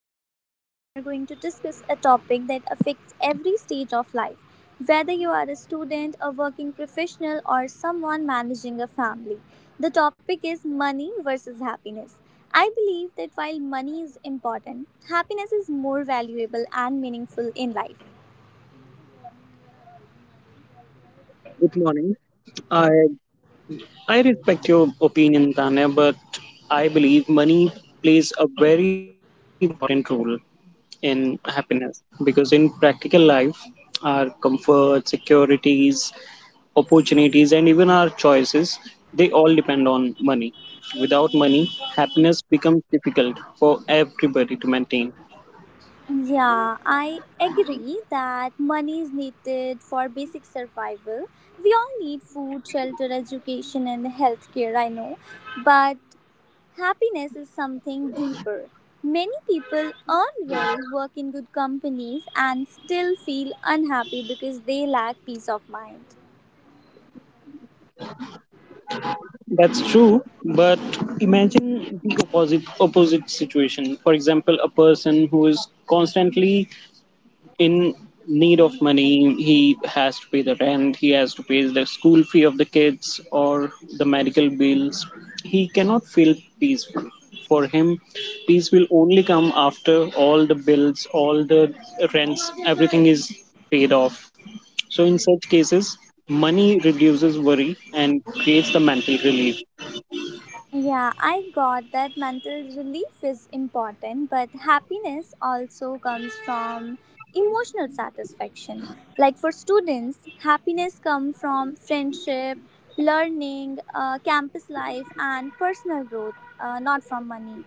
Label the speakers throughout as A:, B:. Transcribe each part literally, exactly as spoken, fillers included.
A: Abhishek and I are going to discuss a topic that affects every stage of life. Whether you are a student, a working professional, or someone managing a family, the topic is money versus happiness. I believe that while money is important, happiness is more valuable and meaningful in life.
B: Good morning. I I respect your opinion, Tanya, but I believe money plays a very important role in happiness because in practical life, our comfort, securities, opportunities, and even our choices they all depend on money. Without money, happiness becomes difficult for everybody to maintain.
A: Yeah, I agree that money is needed for basic survival. We all need food, shelter, education, and healthcare, I know. But happiness is something deeper. Many people earn well, work in good companies, and still feel unhappy because they lack peace of mind.
B: That's true, but imagine the opposite opposite situation. For example, a person who is constantly in need of money, he has to pay the rent, he has to pay the school fee of the kids or the medical bills, he cannot feel peaceful. For him peace will only come after all the bills, all the rents, everything is paid off. So in such cases money reduces worry and creates the mental relief.
A: Yeah, I got that mental relief is important, but happiness also comes from emotional satisfaction. Like for students, happiness comes from friendship, learning, uh, campus life, and personal growth, uh, not from money.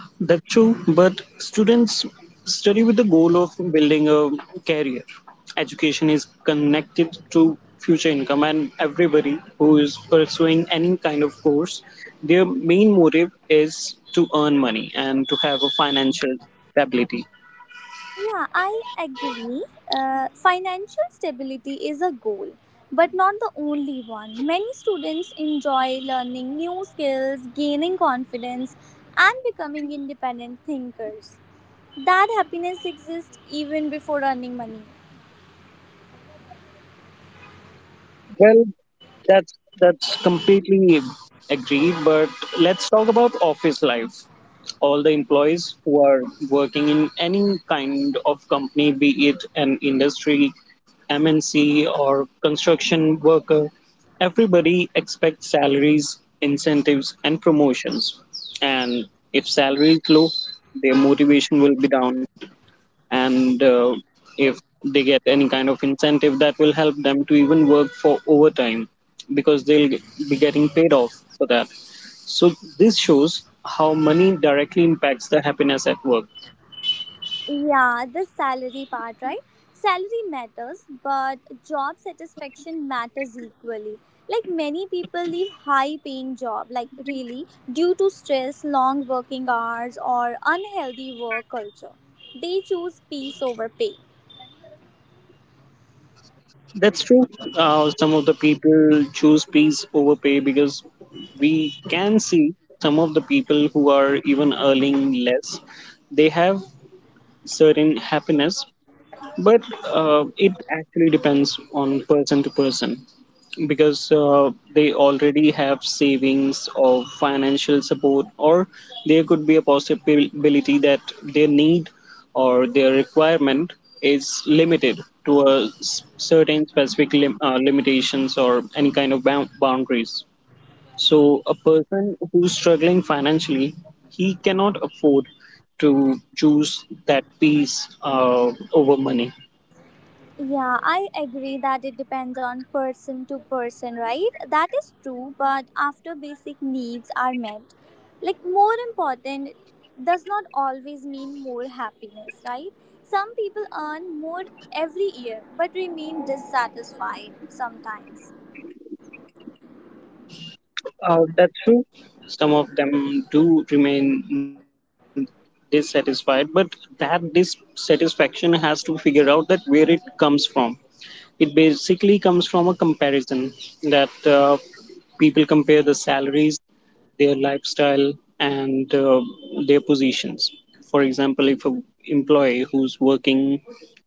B: That's true, but students study with the goal of building a career. Education is connected to future income, and everybody who is pursuing any kind of course, their main motive is to earn money and to have a financial stability.
A: Yeah, I agree. Uh, financial stability is a goal, but not the only one. Many students enjoy learning new skills, gaining confidence, and becoming independent thinkers. That happiness exists even before earning money.
B: Well, that's that's completely agreed. But let's talk about office life. All the employees who are working in any kind of company, be it an industry, M N C, or construction worker, everybody expects salaries, incentives, and promotions. And if salary is low, their motivation will be down, and uh, if they get any kind of incentive that will help them to even work for overtime because they'll be getting paid off for that. So this shows how money directly impacts the happiness at work.
A: Yeah, the salary part, right? Salary matters, but job satisfaction matters equally. Like many people leave high paying job, like really, due to stress, long working hours or unhealthy work culture. They choose peace over pay.
B: That's true, uh, some of the people choose peace over pay because we can see some of the people who are even earning less, they have certain happiness. But uh, it actually depends on person to person because uh, they already have savings or financial support, or there could be a possibility that their need or their requirement is limited to a s- certain specific lim- uh, limitations or any kind of bound- boundaries. So, a person who's struggling financially, he cannot afford to choose that peace uh, over money.
A: Yeah, I agree that it depends on person to person, right? That is true, but after basic needs are met, like more important does not always mean more happiness, right? Some people earn more every year but remain dissatisfied sometimes.
B: Uh, that's true. Some of them do remain dissatisfied, but that dissatisfaction has to figure out that where it comes from. It basically comes from a comparison that uh, people compare the salaries, their lifestyle, and uh, their positions. For example, if an employee who's working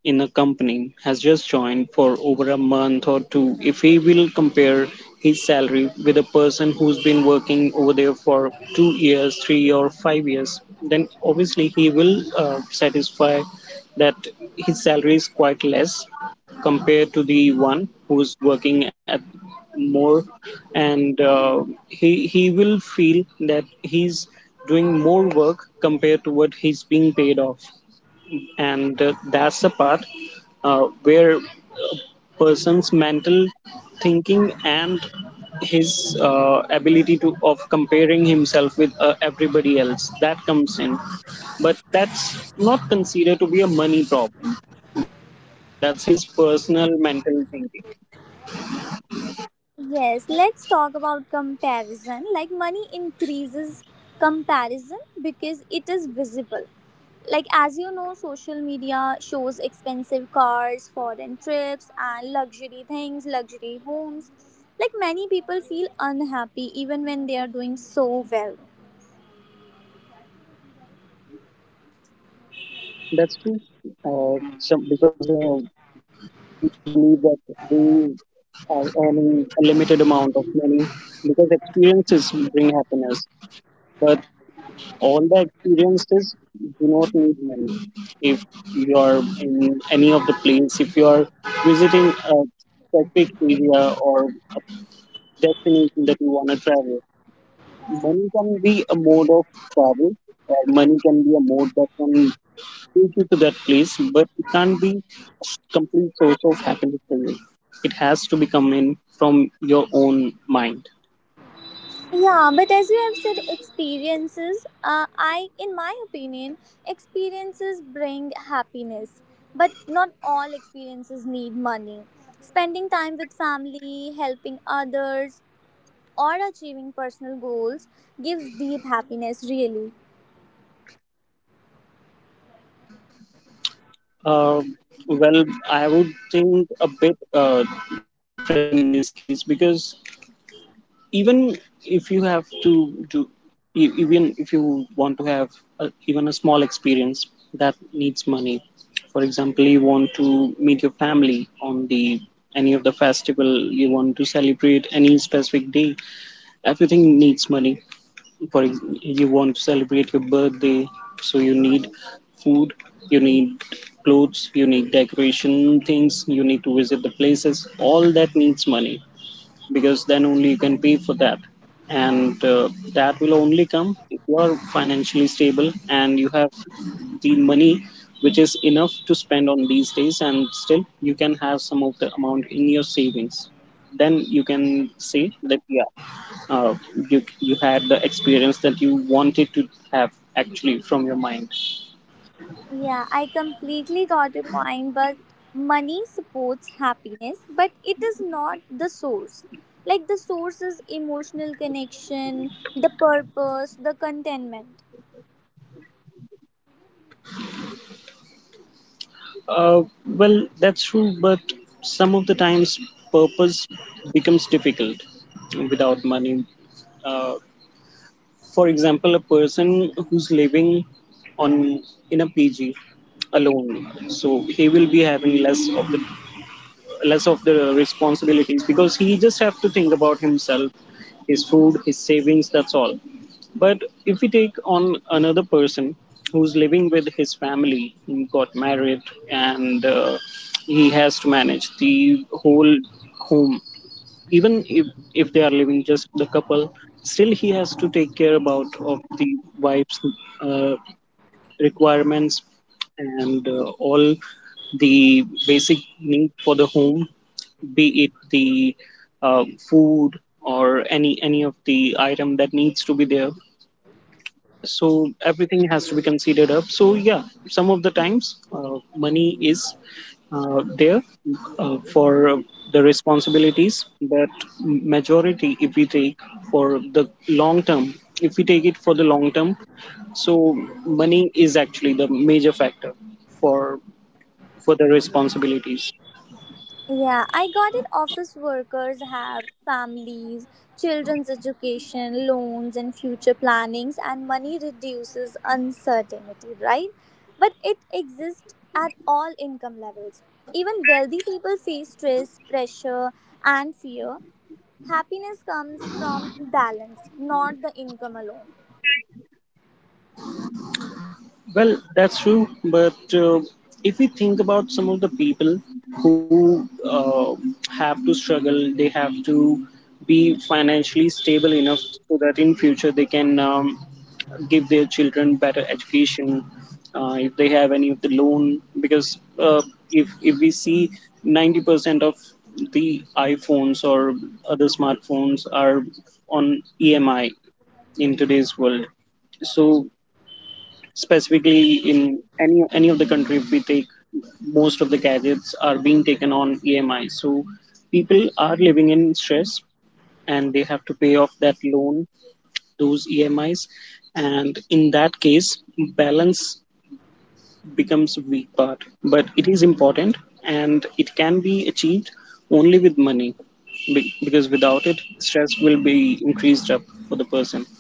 B: in a company has just joined for over a month or two, if he will compare his salary with a person who's been working over there for two years, three or five years, then obviously he will uh, satisfy that his salary is quite less compared to the one who's working at more, and uh, he he will feel that he's doing more work compared to what he's being paid off. And uh, that's the part uh, where person's mental thinking and his uh, ability to of comparing himself with uh, everybody else that comes in. But that's not considered to be a money problem, that's his personal mental thinking.
A: Yes, let's talk about comparison. Like money increases comparison because it is visible. Like as you know, social media shows expensive cars, foreign trips, and luxury things, luxury homes. Like many people feel unhappy even when they are doing so well.
B: That's true, uh, some because uh, people believe that they are earning a limited amount of money because experiences bring happiness. But all the experiences do not need money. If you are in any of the place, if you are visiting a specific area or a destination that you want to travel, money can be a mode of travel. Or money can be a mode that can take you to that place, but it can't be complete source of happiness for you. It has to be coming from your own mind.
A: Yeah, but as you have said, experiences, uh, I, in my opinion, experiences bring happiness, but not all experiences need money. Spending time with family, helping others, or achieving personal goals gives deep happiness, really.
B: Uh, well, I would think a bit uh, different in this case because even if you have to do, e- even if you want to have a, even a small experience that needs money. For example, you want to meet your family on the any of the festival, you want to celebrate any specific day, everything needs money. For ex- you want to celebrate your birthday, so you need food, you need clothes, you need decoration things, you need to visit the places, all that needs money because then only you can pay for that. And uh, that will only come if you are financially stable and you have the money which is enough to spend on these days and still you can have some of the amount in your savings. Then you can say that, yeah, uh, you you had the experience that you wanted to have actually from your mind.
A: Yeah, I completely got your point, but money supports happiness, but it is not the source. Like, the source is emotional connection, the purpose, the contentment.
B: uh, well, that's true, but some of the times purpose becomes difficult without money. uh, for example, a person who's living on in a pg alone, so he will be having less of the less of the responsibilities because he just have to think about himself, his food, his savings, that's all. But if we take on another person who's living with his family, he got married, and uh, he has to manage the whole home. Even if if they are living just the couple, still he has to take care about of the wife's uh, requirements and uh, all the basic need for the home, be it the uh, food or any any of the item that needs to be there. So everything has to be considered up. So yeah, some of the times uh, money is uh, there uh, for uh, the responsibilities. But majority if we take for the long term, if we take it for the long term, so money is actually the major factor for for the responsibilities.
A: Yeah, I got it. Office workers have families, children's education, loans, and future plannings, and money reduces uncertainty, right? But it exists at all income levels. Even wealthy people face stress, pressure, and fear. Happiness comes from balance, not the income alone.
B: Well, that's true. But uh, if we think about some of the people who uh, have to struggle, they have to be financially stable enough so that in future they can um, give their children better education. Uh, if they have any of the loan, because uh, if if we see ninety percent of the iPhones or other smartphones are on E M I in today's world, so specifically in any any of the country if we take, most of the gadgets are being taken on E M I. So people are living in stress and they have to pay off that loan, those E M Is. And in that case balance becomes a weak part, but it is important and it can be achieved only with money. Be- because without it stress will be increased up for the person.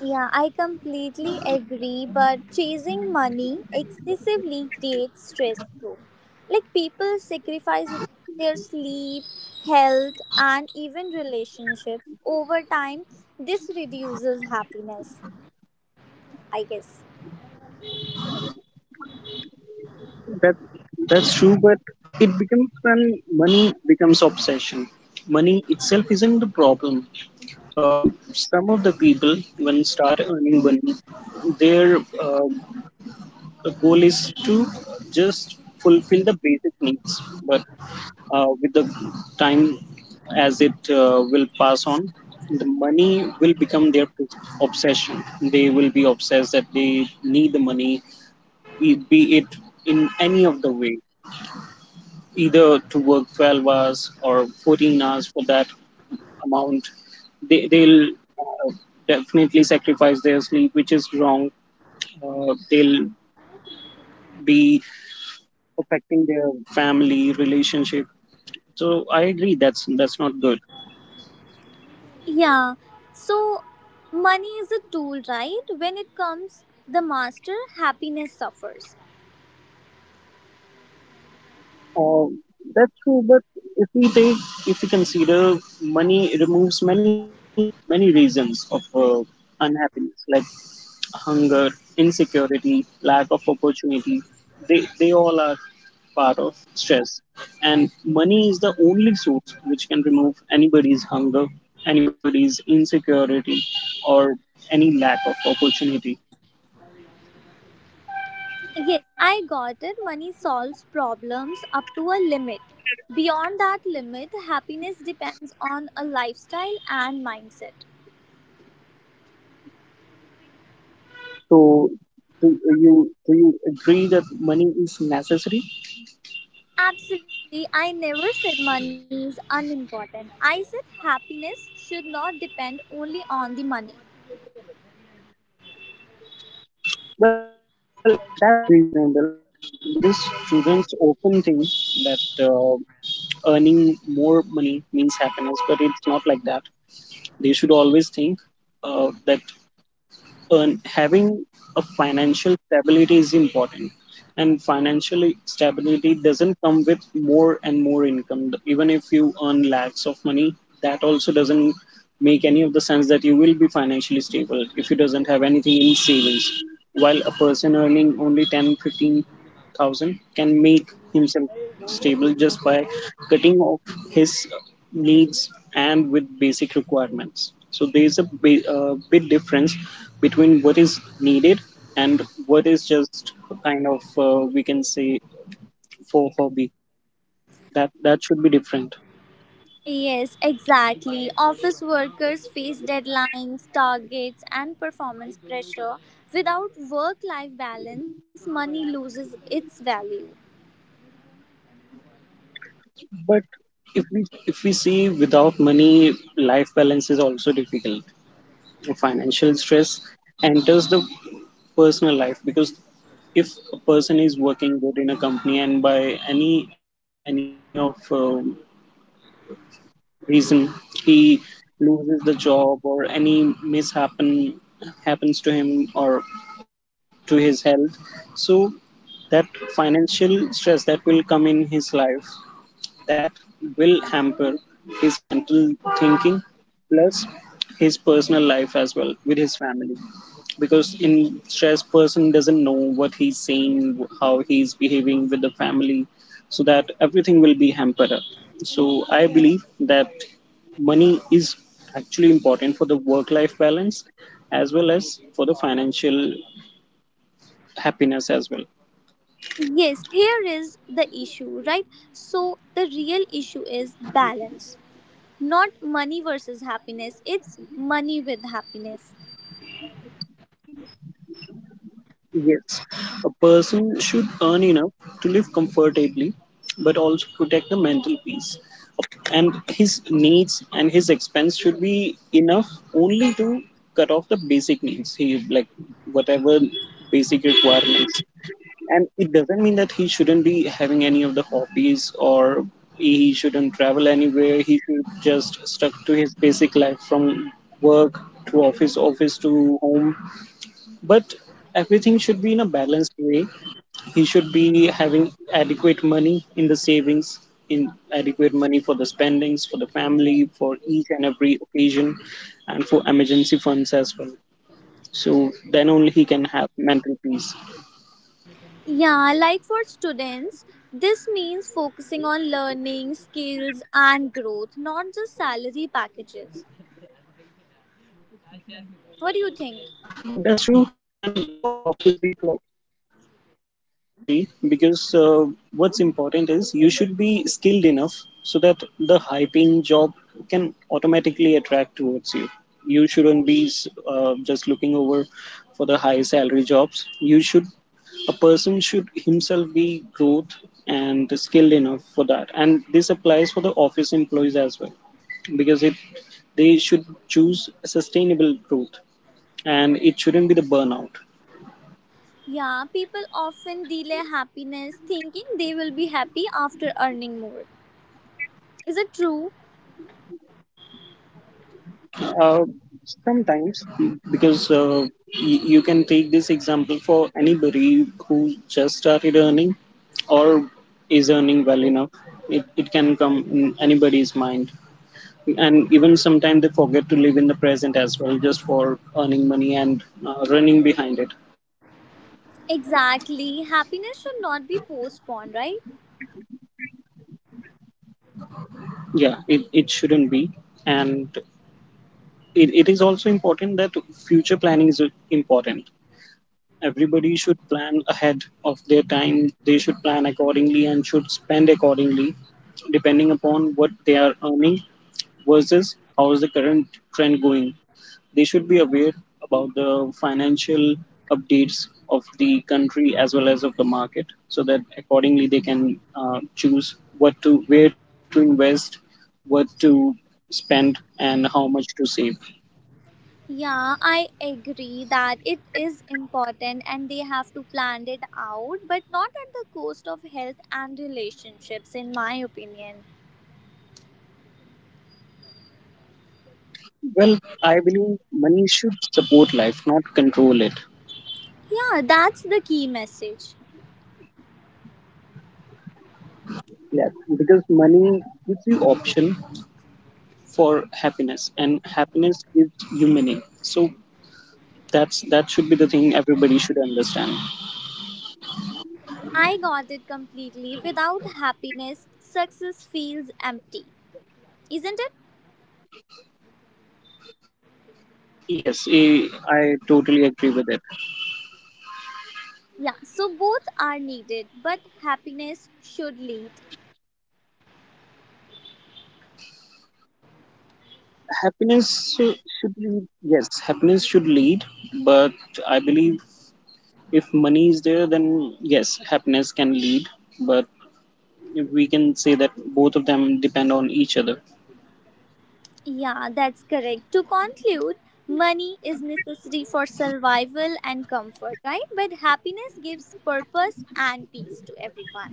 A: Yeah, I completely agree, but chasing money excessively creates stress too. Like people sacrifice their sleep, health, and even relationships over time. This reduces happiness, I guess.
B: That that's true, but it becomes when money becomes obsession. Money itself isn't the problem. uh, some of the people when start earning money, their uh, goal is to just fulfill the basic needs. But uh, with the time as it uh, will pass on, the money will become their obsession. They will be obsessed that they need the money, be be it in any of the way, either to work twelve hours or fourteen hours for that amount. They, they'll uh, definitely sacrifice their sleep, which is wrong. Uh, they'll be affecting their family relationship. So I agree, that's that's not good.
A: Yeah, so money is a tool, right? When it comes, the master, happiness suffers.
B: uh, that's true, but if we take, if we consider money, it removes many many reasons of uh, unhappiness like hunger, insecurity, lack of opportunity. They, they all are part of stress. And money is the only source which can remove anybody's hunger, anybody's insecurity, or any lack of opportunity.
A: Yes, I got it. Money solves problems up to a limit. Beyond that limit, happiness depends on a lifestyle and mindset.
B: So, do you, do you agree that money is necessary?
A: Absolutely, I never said money is unimportant. I said happiness should not depend only on the money.
B: Well, that's reasonable because students often think that uh, earning more money means happiness, but it's not like that. They should always think uh, that uh, having a financial stability is important, and financial stability doesn't come with more and more income. Even if you earn lakhs of money, that also doesn't make any of the sense that you will be financially stable if you doesn't have anything in savings. While a person earning only ten fifteen thousand can make himself stable just by cutting off his needs and with basic requirements. So there is a bi- uh, big difference between what is needed and what is just kind of uh, we can say for hobby. That that should be different.
A: Yes, exactly. Office workers face deadlines, targets, and performance pressure. Without work life balance, money loses its value.
B: But if we if we see, without money, life balance is also difficult. Financial stress enters the personal life because if a person is working good in a company and by any any of uh, reason he loses the job or any mishappen happens to him or to his health. So that financial stress that will come in his life, that will hamper his mental thinking plus his personal life as well with his family, because in stress person doesn't know what he's saying, how he's behaving with the family. So that everything will be hampered up. So I believe that money is actually important for the work life balance as well as for the financial happiness as well.
A: Yes, here is the issue, right? So, the real issue is balance, not money versus happiness, it's money with happiness.
B: Yes, a person should earn enough to live comfortably, but also protect the mental peace. And his needs and his expense should be enough only to cut off the basic needs. He like whatever basic requirements. And it doesn't mean that he shouldn't be having any of the hobbies or he shouldn't travel anywhere. He should just stuck to his basic life from work to office, office to home, but everything should be in a balanced way. He should be having adequate money in the savings, in adequate money for the spendings for the family, for each and every occasion, and for emergency funds as well, so then only he can have mental peace.
A: Yeah, like for students, this means focusing on learning, skills, and growth, not just salary packages. What do you think?
B: That's true. And for office employees, I, I totally agree, because uh, what's important is you should be skilled enough so that the high paying job can automatically attract towards you. You shouldn't be uh, just looking over for the high salary jobs. You should, a person should himself be growth and skilled enough for that. And this applies for the office employees as well, because it they should choose sustainable growth, and it shouldn't be the burnout.
A: Yeah, people often delay happiness thinking they will be happy after earning more. Is it true?
B: Uh, Sometimes, because uh, y- you can take this example for anybody who just started earning or is earning well enough. It, it can come in anybody's mind. And even sometimes they forget to live in the present as well, just for earning money and uh, running behind it.
A: Exactly. Happiness should not be postponed, right?
B: Yeah, it, it shouldn't be. And it, it is also important that future planning is important. Everybody should plan ahead of their time, they should plan accordingly and should spend accordingly, depending upon what they are earning versus how is the current trend going. They should be aware about the financial updates of the country as well as of the market, so that accordingly they can uh, choose what to, where to invest, what to spend, and how much to save.
A: Yeah, I agree that it is important and they have to plan it out, but not at the cost of health and relationships, in my opinion.
B: Well, I believe money should support life, not control it.
A: Yeah, that's the key message.
B: Yes, because money gives you option for happiness, and happiness gives you meaning. So that's, that should be the thing everybody should understand.
A: I got it completely. Without happiness, success feels empty, isn't it?
B: Yes, eh, I totally agree with it.
A: Yeah, so both are needed, but happiness should lead.
B: Happiness eh, should lead. Yes, happiness should lead, but I believe if money is there, then yes, happiness can lead. But we can say that both of them depend on each other.
A: Yeah, that's correct. To conclude, money is necessary for survival and comfort, right? But happiness gives purpose and peace to everyone.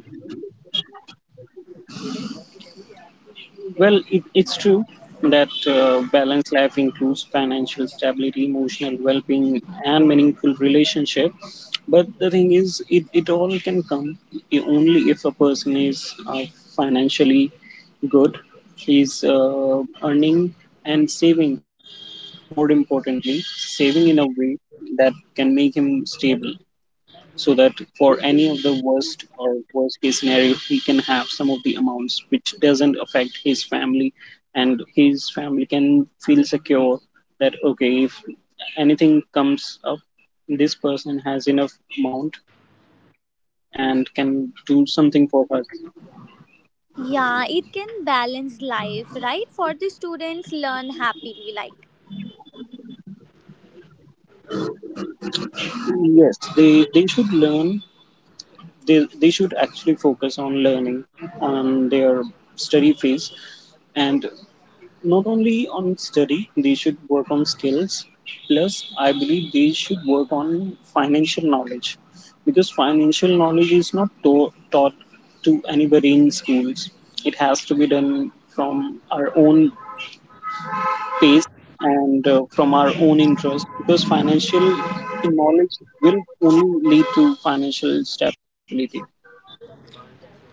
B: Well, it, it's true that uh, balanced life includes financial stability, emotional well being, and meaningful relationship. But the thing is, it, it all can come i- only if a person is uh, financially good, is uh, earning and saving, more importantly, saving in a way that can make him stable, so that for any of the worst or worst case scenario he can have some of the amounts which doesn't affect his family, and his family can feel secure that okay, if anything comes up, this person has enough amount and can do something for her.
A: Yeah, it can balance life, right? For the students, learn happily, like.
B: Yes, they they should learn, they, they should actually focus on learning, on their study phase, and not only on study they should work on skills, plus I believe they should work on financial knowledge, because financial knowledge is not to- taught to anybody in schools. It has to be done from our own pace and uh, from our own interest, because financial knowledge will only lead to financial stability.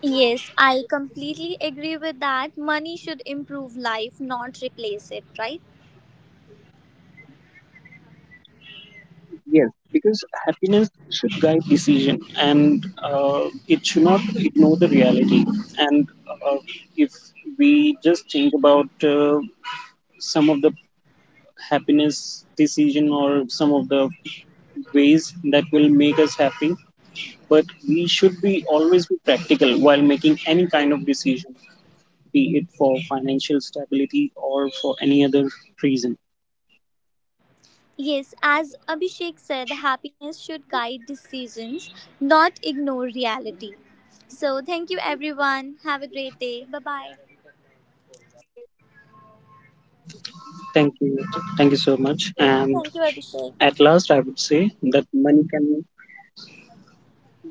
A: Yes, I completely agree with that. Money should improve life, not replace it, right?
B: Yes, because happiness should guide decision, and uh, it should not ignore the reality. And uh, if we just think about uh, some of the happiness decision or some of the ways that will make us happy, but we should be always be practical while making any kind of decision, be it for financial stability or for any other reason.
A: Yes, as Abhishek said, happiness should guide decisions, not ignore reality. So, thank you everyone. Have a great day. Bye bye.
B: Thank you. Thank you so much. And
A: Yeah, thank you,
B: at last,
A: Abhishek.
B: I would say that money can, we can